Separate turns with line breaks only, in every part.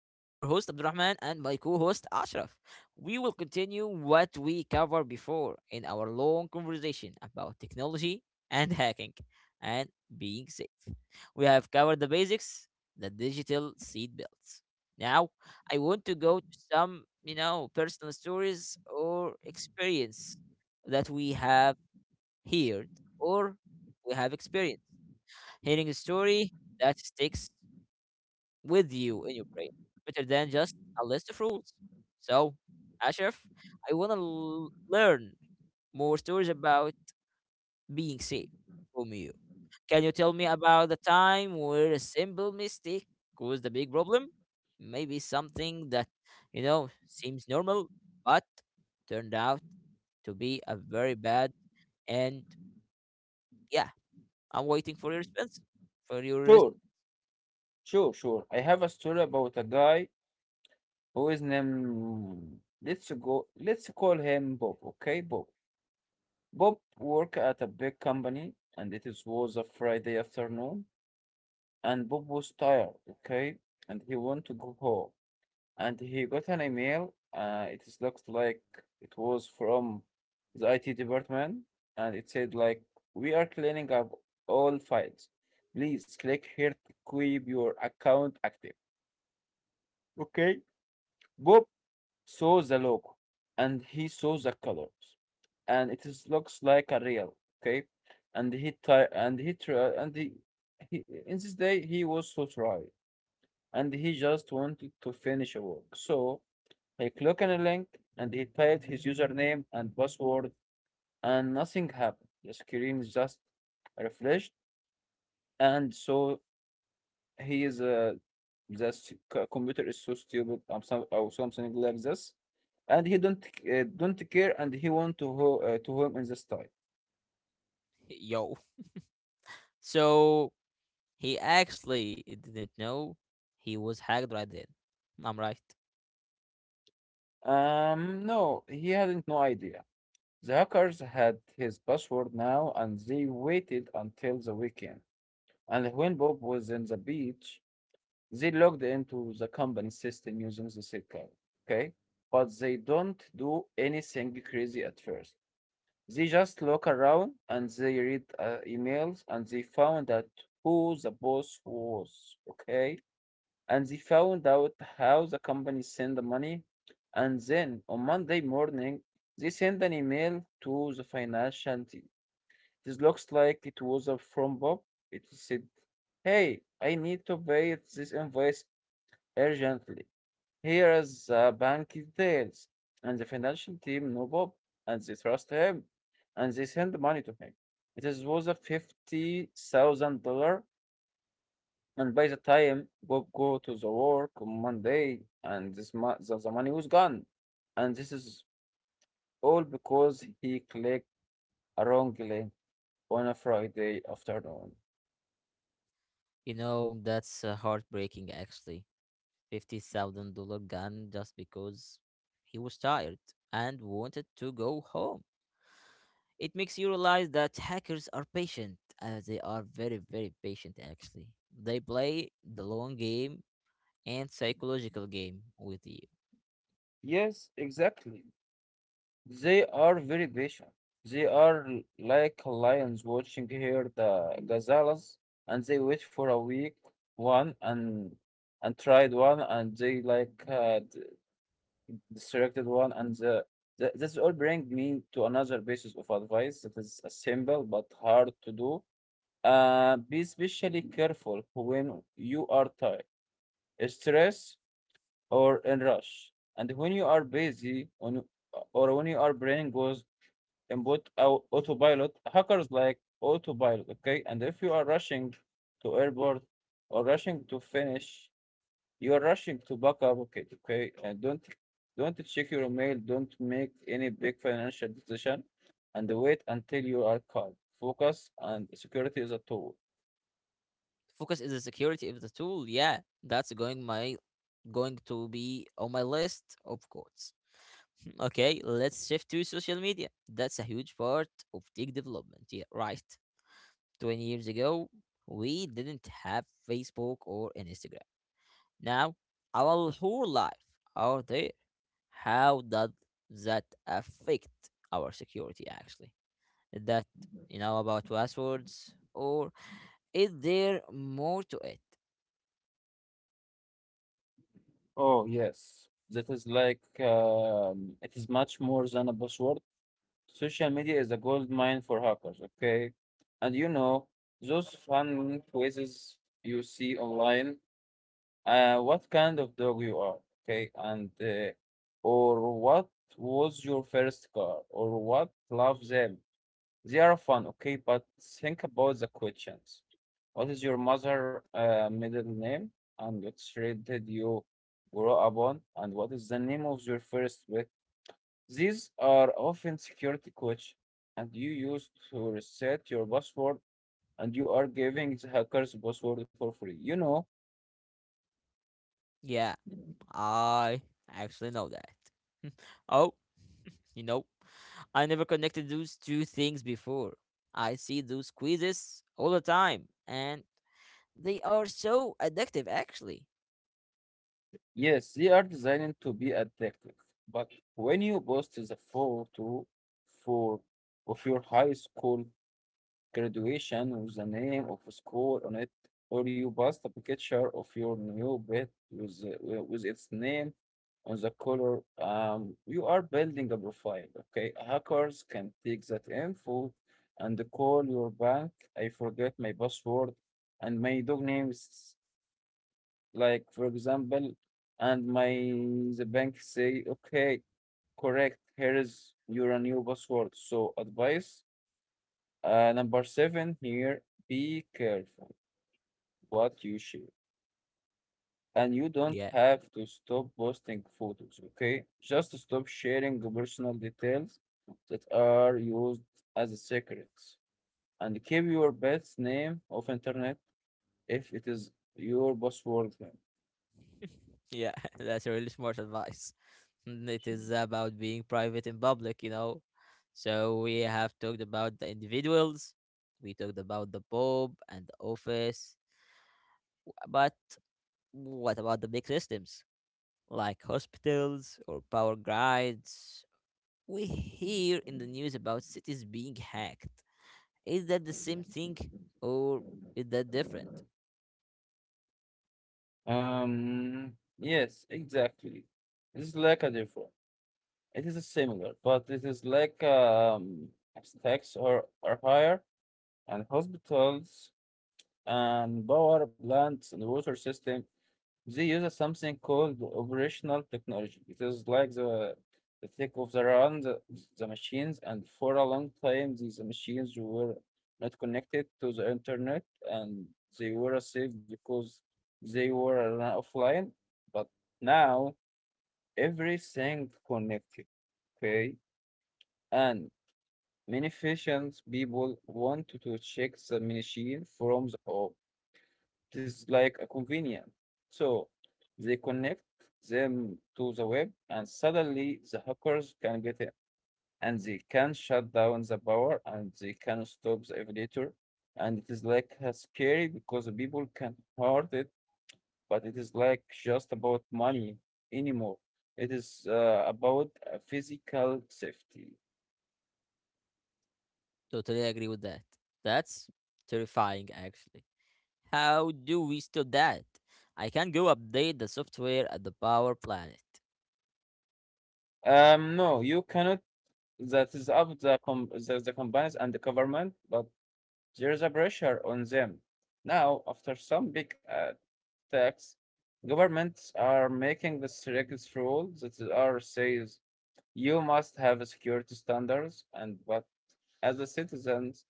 I'm your host, Abdurrahman, and my co host, Ashraf. We will continue what we covered before in our long conversation about technology and hacking and being safe. We have covered the basics, the digital seat belts. Now, I want to go to some, personal stories or experience that we have heard or we have experienced. Hearing a story that sticks with you in your brain, better than just a list of rules. So, Ashraf, I want to learn more stories about being safe from you. Can you tell me about the time where a simple mistake caused a big problem? Maybe something that, seems normal, but turned out to be a very bad and yeah, I'm waiting for your response. For your res-
Sure, sure, sure. I have a story about a guy who is named let's call him Bob, okay? Bob. Bob work at a big company and was a Friday afternoon and Bob was tired, okay? And he wanted to go home. And he got an email, it is looks like it was from the IT department and it said like we are cleaning up all files. Please click here to keep your account active. Okay. Bob saw the logo and he saw the colors and looks like a real, okay, and he in this day he was so tired and he just wanted to finish a work, so he clicked on a link and he typed his username and password and nothing happened, the screen just refreshed. And so he is the s- c- computer is so stupid or something like this, and he don't care, and he want to to him in this time.
Yo. So he actually didn't know he was hacked right then. I'm right.
Um, no, he hadn't no idea. The hackers had his password now and they waited until the weekend, and when bob was in the beach they logged into the company system using the SID, okay? But they don't do anything crazy at first, they just look around and they read emails and they found out who the boss was, okay? And they found out how the company sent the money. And then on Monday morning, they sent an email to the financial team. This looks like it was a from Bob. It said, "Hey, I need to pay this invoice urgently. Here is the bank details." And the financial team know Bob and they trust him and they send the money to him. It was a $50,000, and by the time Bob go to the work on Monday, and the money was gone. And this is all because he clicked a wrong link on a Friday afternoon.
You know, that's heartbreaking actually. $50,000 gun just because he was tired and wanted to go home. It makes you realize that hackers are patient. They are very, very patient actually. They play the long game and psychological game with you.
Yes, exactly. They are very patient. They are like lions watching here the gazelles, and they wait for a week one, and tried one, and they like distracted one, and the this all bring me to another basis of advice that is simple but hard to do. Be especially careful when you are tired, stressed, or in rush, and when you are busy on, or when you are brain goes input autopilot. Hackers like autopilot, okay? And if you are rushing to airport, or rushing to finish, you are rushing to back up, okay? And don't check your mail, don't make any big financial decision, and wait until you are calm. Focus and security is a tool.
Focus is the security of the tool. Yeah, that's going my going to be on my list of course. Okay, let's shift to social media. That's a huge part of tech development. Yeah, right. 20 years ago, we didn't have Facebook or Instagram. Now, our whole life are there. How does that affect our security actually? That you know about passwords or is there more to it?
Oh yes, that is like it is much more than a buzzword. Social media is a gold mine for hackers, okay? And you know, those fun quizzes you see online, what kind of dog you are, okay? And, or what was your first car, or what love them? They are fun, okay? But think about the questions. What is your mother middle name? And what street did you grow up on? And what is the name of your first pet? These are often security codes, and you use to reset your password, and you are giving the hackers password for free. You know,
Yeah, I actually know that. Oh. You know, I never connected those two things before. I see those quizzes all the time, and they are so addictive, actually.
yes, they are designed to be addictive. But when you post the photo for of your high school graduation with the name of a school on it, or you post a picture of your new pet with its name on the color. You are building a profile, okay? Hackers can take that info and call your bank. "I forget my password and my dog names," like for example, and my the bank say, "Okay, correct, here is your new password." So advice number seven here, be careful what you share. And you don't
Yeah,
have to stop posting photos, okay? Just stop sharing the personal details that are used as secrets. And keep your pet's name off internet if it is your password.
yeah, that's a really smart advice. Mm, it is about being private in public, you know. So we have talked about the individuals, we talked about the Pope and the office, but what about the big systems like hospitals or power grids? We hear in the news about cities being hacked. Is that the same thing or is that different?
Um, yes, exactly. It's like a different. It is a similar, but it is like stacks are higher, and hospitals and power plants and water system, they use something called operational technology. It is like the thick of the run, the machines, and for a long time these machines were not connected to the internet, and they were safe because they were run offline. But now everything connected, okay? And many efficient people want to check the machine from the off. It is like a convenient. So they connect them to the web, and suddenly the hackers can get in and they can shut down the power and they can stop the elevator. And it is like a scary because the people can hurt it, but it is like just about money anymore. It is about physical safety.
Totally agree with that. That's terrifying, actually. How do we stop that? I can go update the software at the power planet.
No, you cannot. That is up the companies and the government, but there is a pressure on them. Now, after some big tax, governments are making the strict rules that are says you must have security standards, and but as a citizens,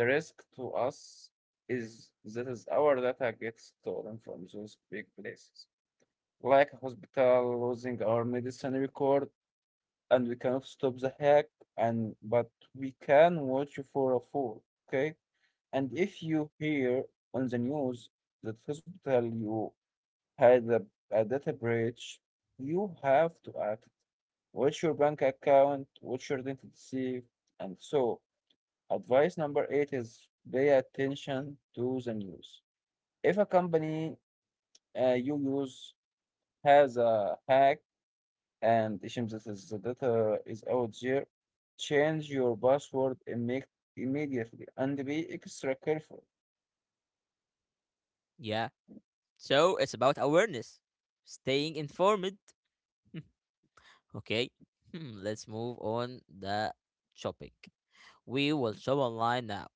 the risk to us is that is our data gets stolen from those big places, like a hospital losing our medicine record, and we cannot stop the hack, and but we can watch you for a fool, okay? And if you hear on the news that hospital you had a data breach, you have to act. What's your bank account? What's your identity? And so, advice number eight is pay attention to the news. If a company you use has a hack and it seems that the data is out there, change your password and make immediately and be extra careful.
Yeah, so it's about awareness, staying informed. Okay, let's move on the shopping. We will shop online now,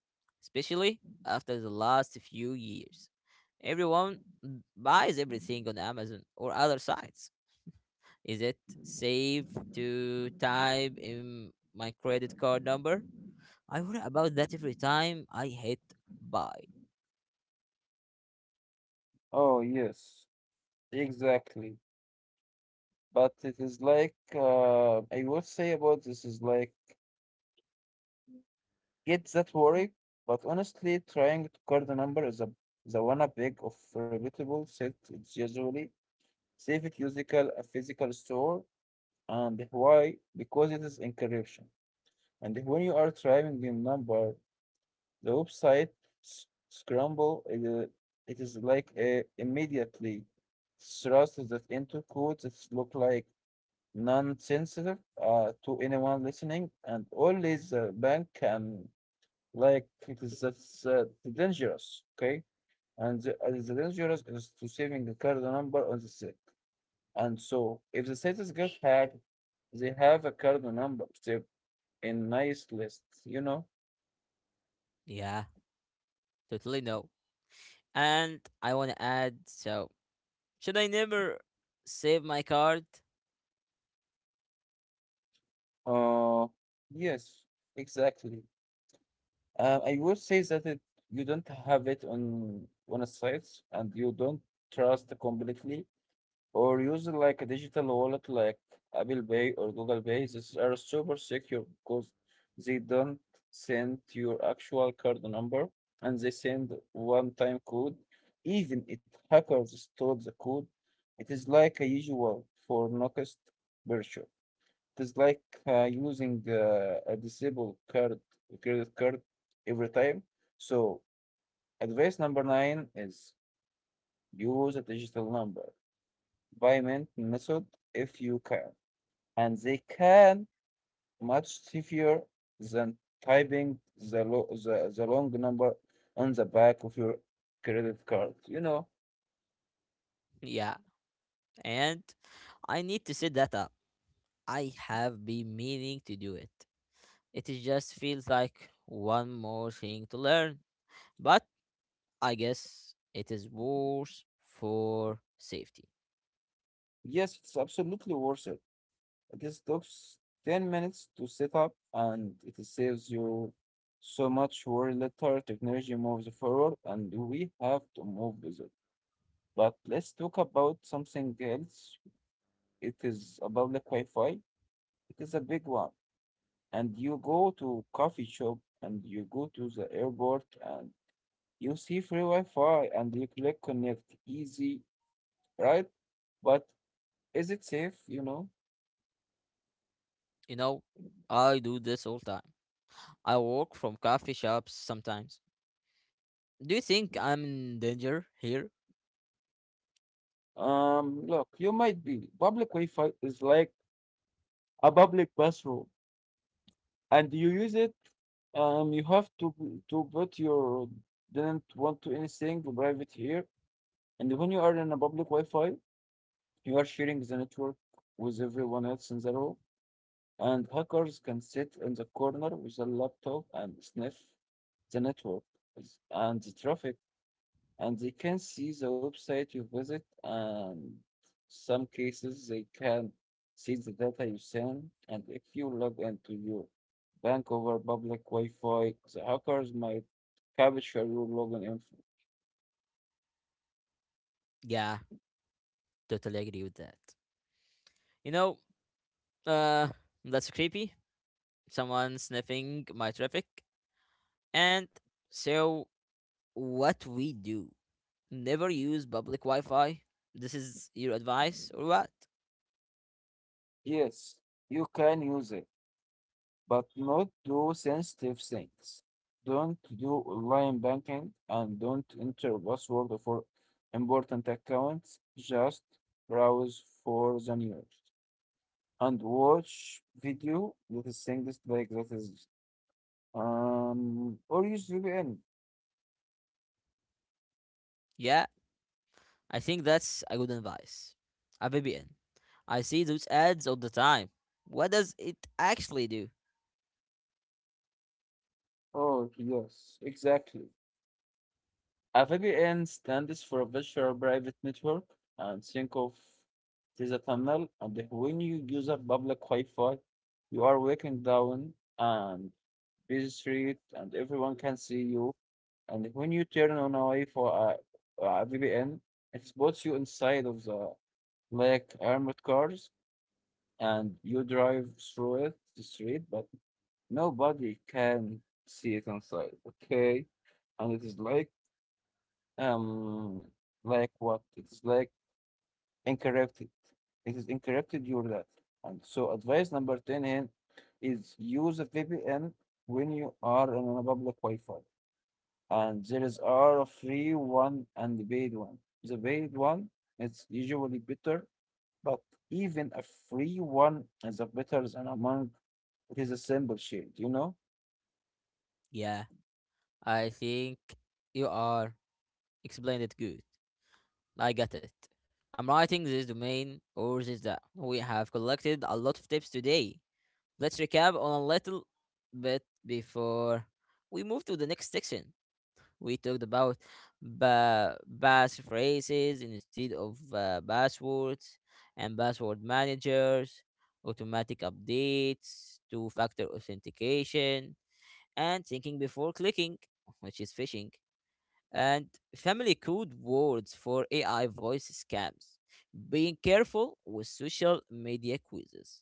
especially after the last few years. Everyone buys everything on Amazon or other sites. Is it safe to type in my credit card number? I worry about that every time I hit buy.
Oh, yes, exactly. But it is like I would say about this is like get that worry, but honestly, trying to call the number is a the one a big of reputable set. It's usually safe at physical a physical store, and why? Because it is encryption, and when you are trying the number, the website scramble. It is like immediately thrust that into codes that look like non-sensitive to anyone listening, and always bank can like it is that's dangerous, okay? And the dangerous is to saving the card number on the set. And so, if the set is get hacked, they have a card number saved in nice list, you know?
Yeah, totally no. And I want to add so, should I never save my card?
Uh, yes, exactly. I would say that it, you don't have it on a site, and you don't trust completely or use like a digital wallet like Apple Pay or Google Pay. These are super secure because they don't send your actual card number and they send one-time code. Even if hackers stole the code, it is like a usual for Nokia virtual. It is like using a disabled card, credit card every time. So advice number nine is use a digital number payment method if you can, and they can much stiffer than typing the long number on the back of your credit card. You know,
Yeah, and I need to set that up. I have been meaning to do it. It is just feels like one more thing to learn, but I guess it is worse for safety.
yes, it's absolutely worth it. It just takes 10 minutes to set up and it saves you so much worry later. Technology moves forward and we have to move with it. But let's talk about something else. It is about the Wi-Fi. It is a big one and you go to coffee shop and you go to the airport and you see free Wi-Fi and you click connect easy, right? But is it safe, you know?
You know, I do this all time. I walk from coffee shops sometimes. Do you think I'm in danger here?
Look, you might be. Public Wi-Fi is like a public bathroom and you use it, you have to put your didn't want to anything private here. And when you are in a public Wi-Fi, you are sharing the network with everyone else in the room. And hackers can sit in the corner with a laptop and sniff the network and the traffic, and they can see the website you visit, and some cases they can see the data you send. And if you log into your bank over public Wi-Fi, the hackers might capture your login info.
Yeah, totally agree with that. You know, uh, that's creepy. Someone sniffing my traffic. And so, what we do? Never use public Wi Fi. This is your advice or what?
Yes, you can use it, but not do sensitive things. Don't do online banking and don't enter password for important accounts. Just browse for the news and watch video that is things like that is or use VPN.
Yeah, I think that's a good advice. a VPN. I see those ads all the time. What does it actually do?
Oh yes, exactly. AVGN stands for Virtual Private Network, and think of it as a tunnel. And when you use a public Wi-Fi, you are walking down and busy street, and everyone can see you. And when you turn on a Wi-Fi, VPN, it spots you inside of the like armored cars, and you drive through it the street, but nobody can see it inside. Okay, and it is um, like what? It's like encrypted. It is encrypted your data. And so advice number 10 here is use a VPN when you are on a public Wi-Fi. And there is are a free one and a paid one. The paid one is usually better, but even a free one is a better than among it is a simple shield, you know?
Yeah, I think you are explained it good. I got it. I'm writing this domain or this that. We have collected a lot of tips today. Let's recap on a little bit before we move to the next section. We talked about ba- phrases instead of passwords and password managers, automatic updates, two factor authentication, and thinking before clicking, which is phishing, and family code words for AI voice scams, being careful with social media quizzes,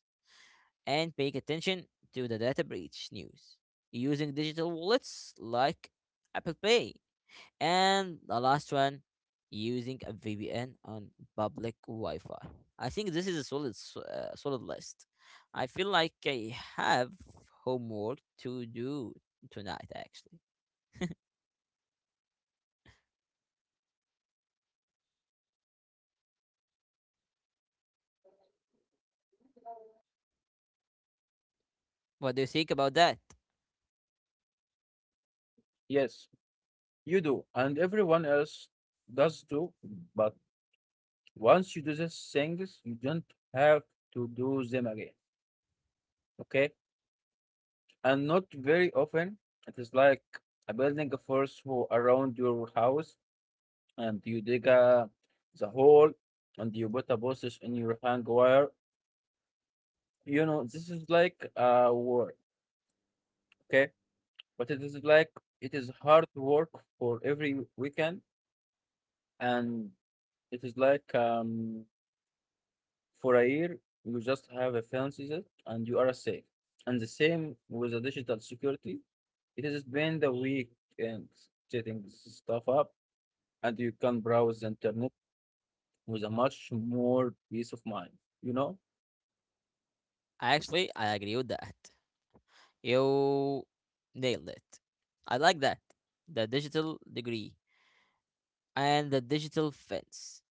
and paying attention to the data breach news, using digital wallets like Apple Pay and the last one, using a VPN on public Wi-Fi. I think this is a solid, solid list. I feel like I have homework to do tonight. Actually, what do you think about that?
Yes, you do. And everyone else does too, but once you do these things, you don't have to do them again. Okay? And not very often. It is like a building a force who around your house and you dig a the hole and you put a postage in your hang wire. You know, this is like work, okay? But it is like it is hard work for every weekend and it is like for a year, you just have a fancy set and you are safe. And the same with the digital security. It has been the week and setting stuff up, and you can browse the internet with a much more peace of mind, you know?
Actually, I agree with that. You nailed it. I like that. The digital degree and the digital fence.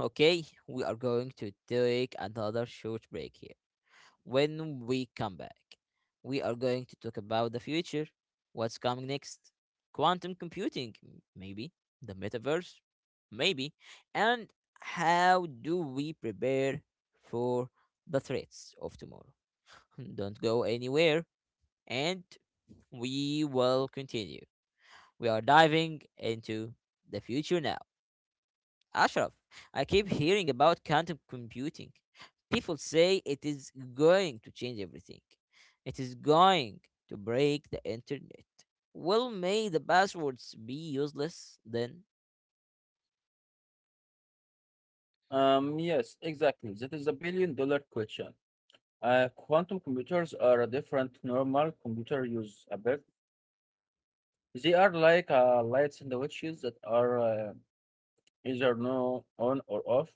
Okay, we are going to take another short break here. When we come back, we are going to talk about the future, what's coming next, quantum computing, maybe, the metaverse, maybe, and how do we prepare for the threats of tomorrow. Don't go anywhere, and we will continue. We are diving into the future now. Ashraf, I keep hearing about quantum computing. People say it is going to change everything. It is going to break the internet. Well, may the passwords be useless then?
Yes, exactly. That is a $1 billion question. Quantum computers are a different normal computer use a bit. They are like lights and the switches that are either no on or off.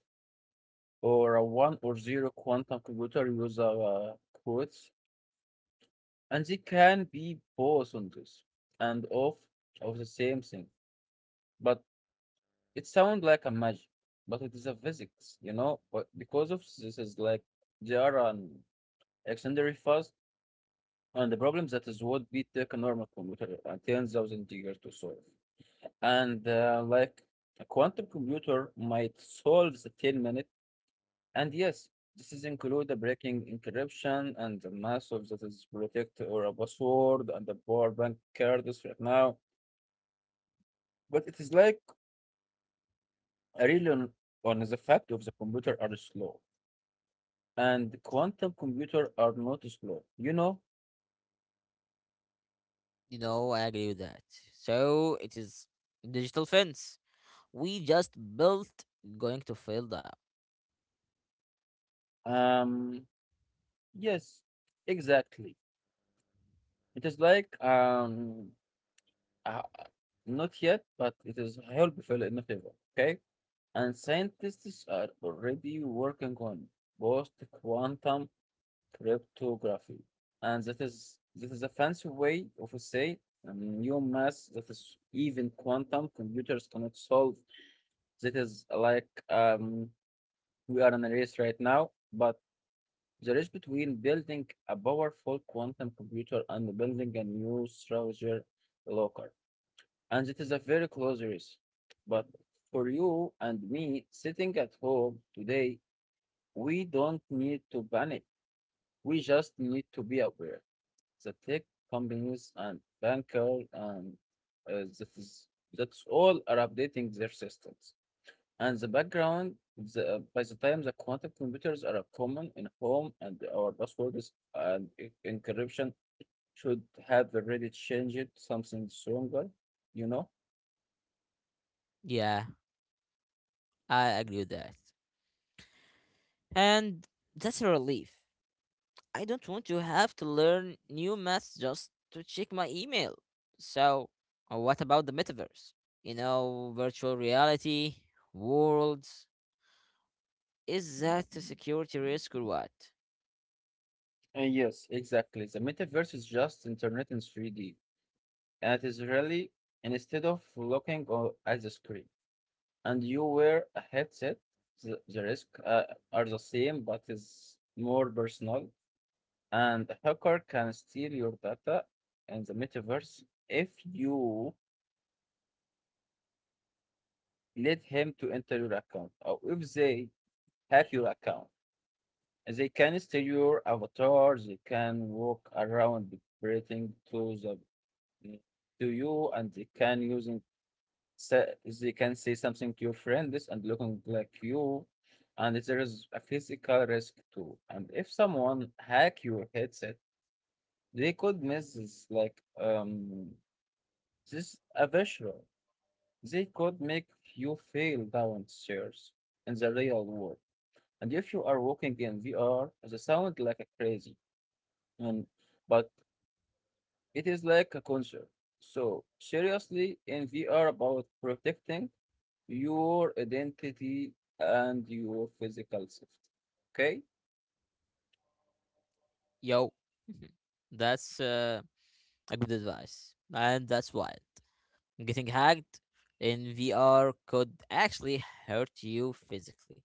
Or a one or zero quantum computer user quotes, and they can be both on this and off of the same thing. But it sounds like a magic, but it is a physics, you know. But because of this is like they are an extraordinary fast, and the problem that is what beat take a normal computer 10,000 years to solve, and like a quantum computer might solve the 10 minutes. And yes, this is include the breaking encryption and the massive that is protect or a password and the power bank cards right now. But it is like a real on the fact of the computer are slow and quantum computer are not slow. You know,
You know, I agree with that. So it is digital fence. We just built going to fail that.
um, yes, exactly. It is like uh, not yet, but it is helpful in a favor. Okay. And scientists are already working on both quantum cryptography. And that is a fancy way of say a new math that is even quantum computers cannot solve. That is like we are in a race right now, but the race between building a powerful quantum computer and building a new Schrodinger locker. And it is a very close race. But for you and me sitting at home today, we don't need to panic. We just need to be aware. The tech companies and bankers and that is that's all are updating their systems. And the background, by the time the quantum computers are common in home and our passwords and encryption should have already changed something stronger, you know?
Yeah, I agree with that. And that's a relief. I don't want to have to learn new maths just to check my email. So, what about the metaverse? You know, virtual reality, worlds. Is that a security risk or what?
And yes, exactly. The metaverse is just internet in 3D, and it is really and instead of looking at the screen. And you wear a headset, the risks are the same but is more personal. And a hacker can steal your data in the metaverse if you let him to enter your account or if they hack your account. They can steal your avatar, they can walk around breathing to the to you and they can use sa they can say something to your friend this and looking like you, and there is a physical risk too. And if someone hack your headset, they could miss this like this a visual, they could make you fail downstairs in the real world. And if you are walking in VR the sound like a crazy and but it is like a concert, so seriously in VR about protecting your identity and your physical safety. Okay?
Yo, that's a good advice. And that's wild. Getting hacked in VR could actually hurt you physically.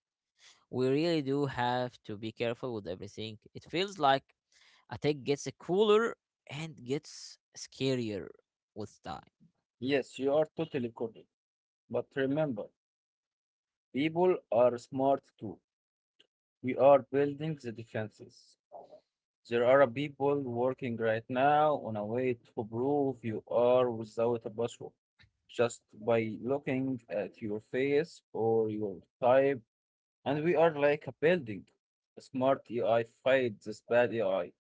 We really do have to be careful with everything. It feels like attack gets cooler and gets scarier with time.
Yes, you are totally correct. But remember, people are smart too. We are building the defenses. There are people working right now on a way to prove you are without a password. Just by looking at your face or your type, and we are like a building. A smart AI fights this bad AI.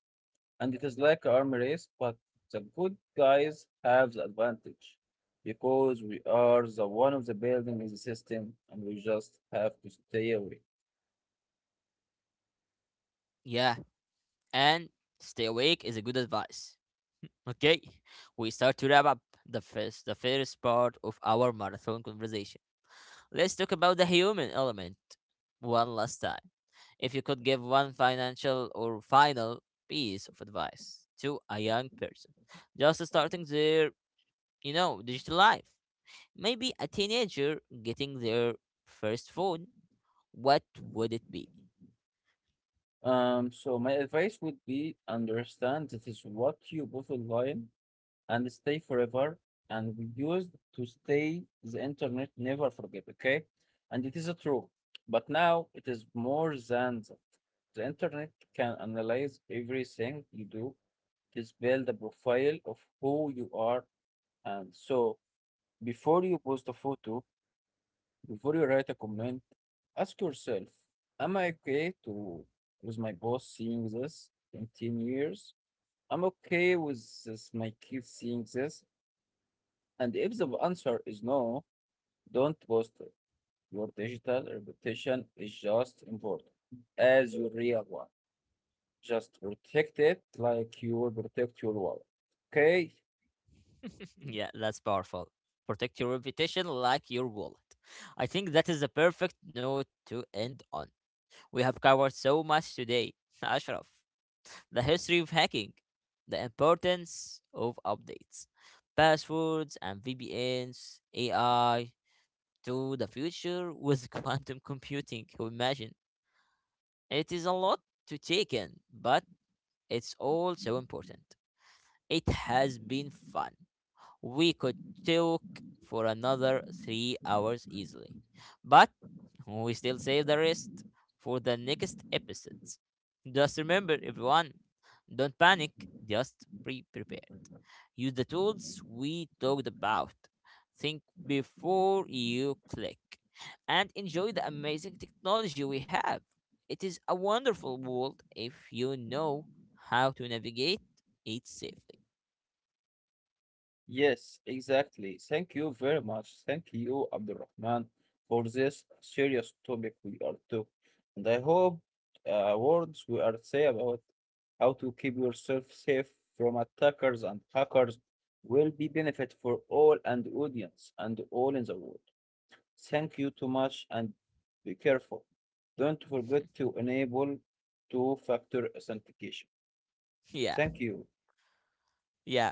And it is like an arm race, but the good guys have the advantage because we are the one of the building in the system and we just have to stay away.
Yeah, and stay awake is a good advice. Okay, we start to wrap up the first part of our marathon conversation. Let's talk about the human element one last time. If you could give one financial or final piece of advice to a young person, just starting their digital life, maybe a teenager getting their first phone, what would it be?
So my advice would be understand that is what you both online and stay forever and we used to stay the internet never forget, okay? And it is a true, but now it is more than that. The internet can analyze everything you do. This build the profile of who you are. And so, before you post a photo, before you write a comment, ask yourself, am I okay to with my boss seeing this in 10 years? I'm okay with this, my kids seeing this. And if the answer is no, don't post it. Your digital reputation is just important as your real one. Just protect it like you will protect your wallet. Okay.
Yeah, that's powerful. Protect your reputation like your wallet. I think that is a perfect note to end on. We have covered so much today, Ashraf. The history of hacking, the importance of updates, passwords and VPNs, AI, to the future with quantum computing. Imagine. It is a lot to take in, but it's all so important. It has been fun. We could talk for another 3 hours easily. But we still save the rest for the next episodes. Just remember, everyone, don't panic, just be prepared. Use the tools we talked about. Think before you click and enjoy the amazing technology we have. It is a wonderful world if you know how to navigate it safely.
Yes, exactly. Thank you very much. Thank you, Abdulrahman, for this serious topic we are took. And I hope words we are say about how to keep yourself safe from attackers and hackers will be benefit for all and the audience and all in the world. Thank you too much and be careful. Don't forget to enable two-factor authentication.
Yeah,
Thank you.
yeah.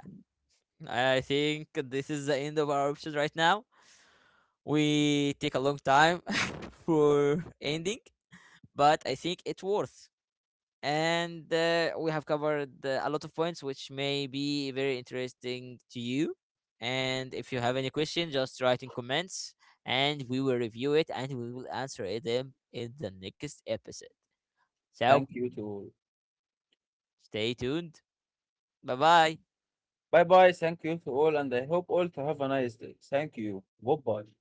I think this is the end of our episode right now. We take a long time for ending, but I think it's worth. And we have covered a lot of points which may be very interesting to you. And if you have any question, just write in comments, and we will review it and we will answer it in the next episode. So
Thank you to
stay tuned. Bye bye.
bye bye. Thank you to all, and I hope all to have a nice day. Thank you. Goodbye.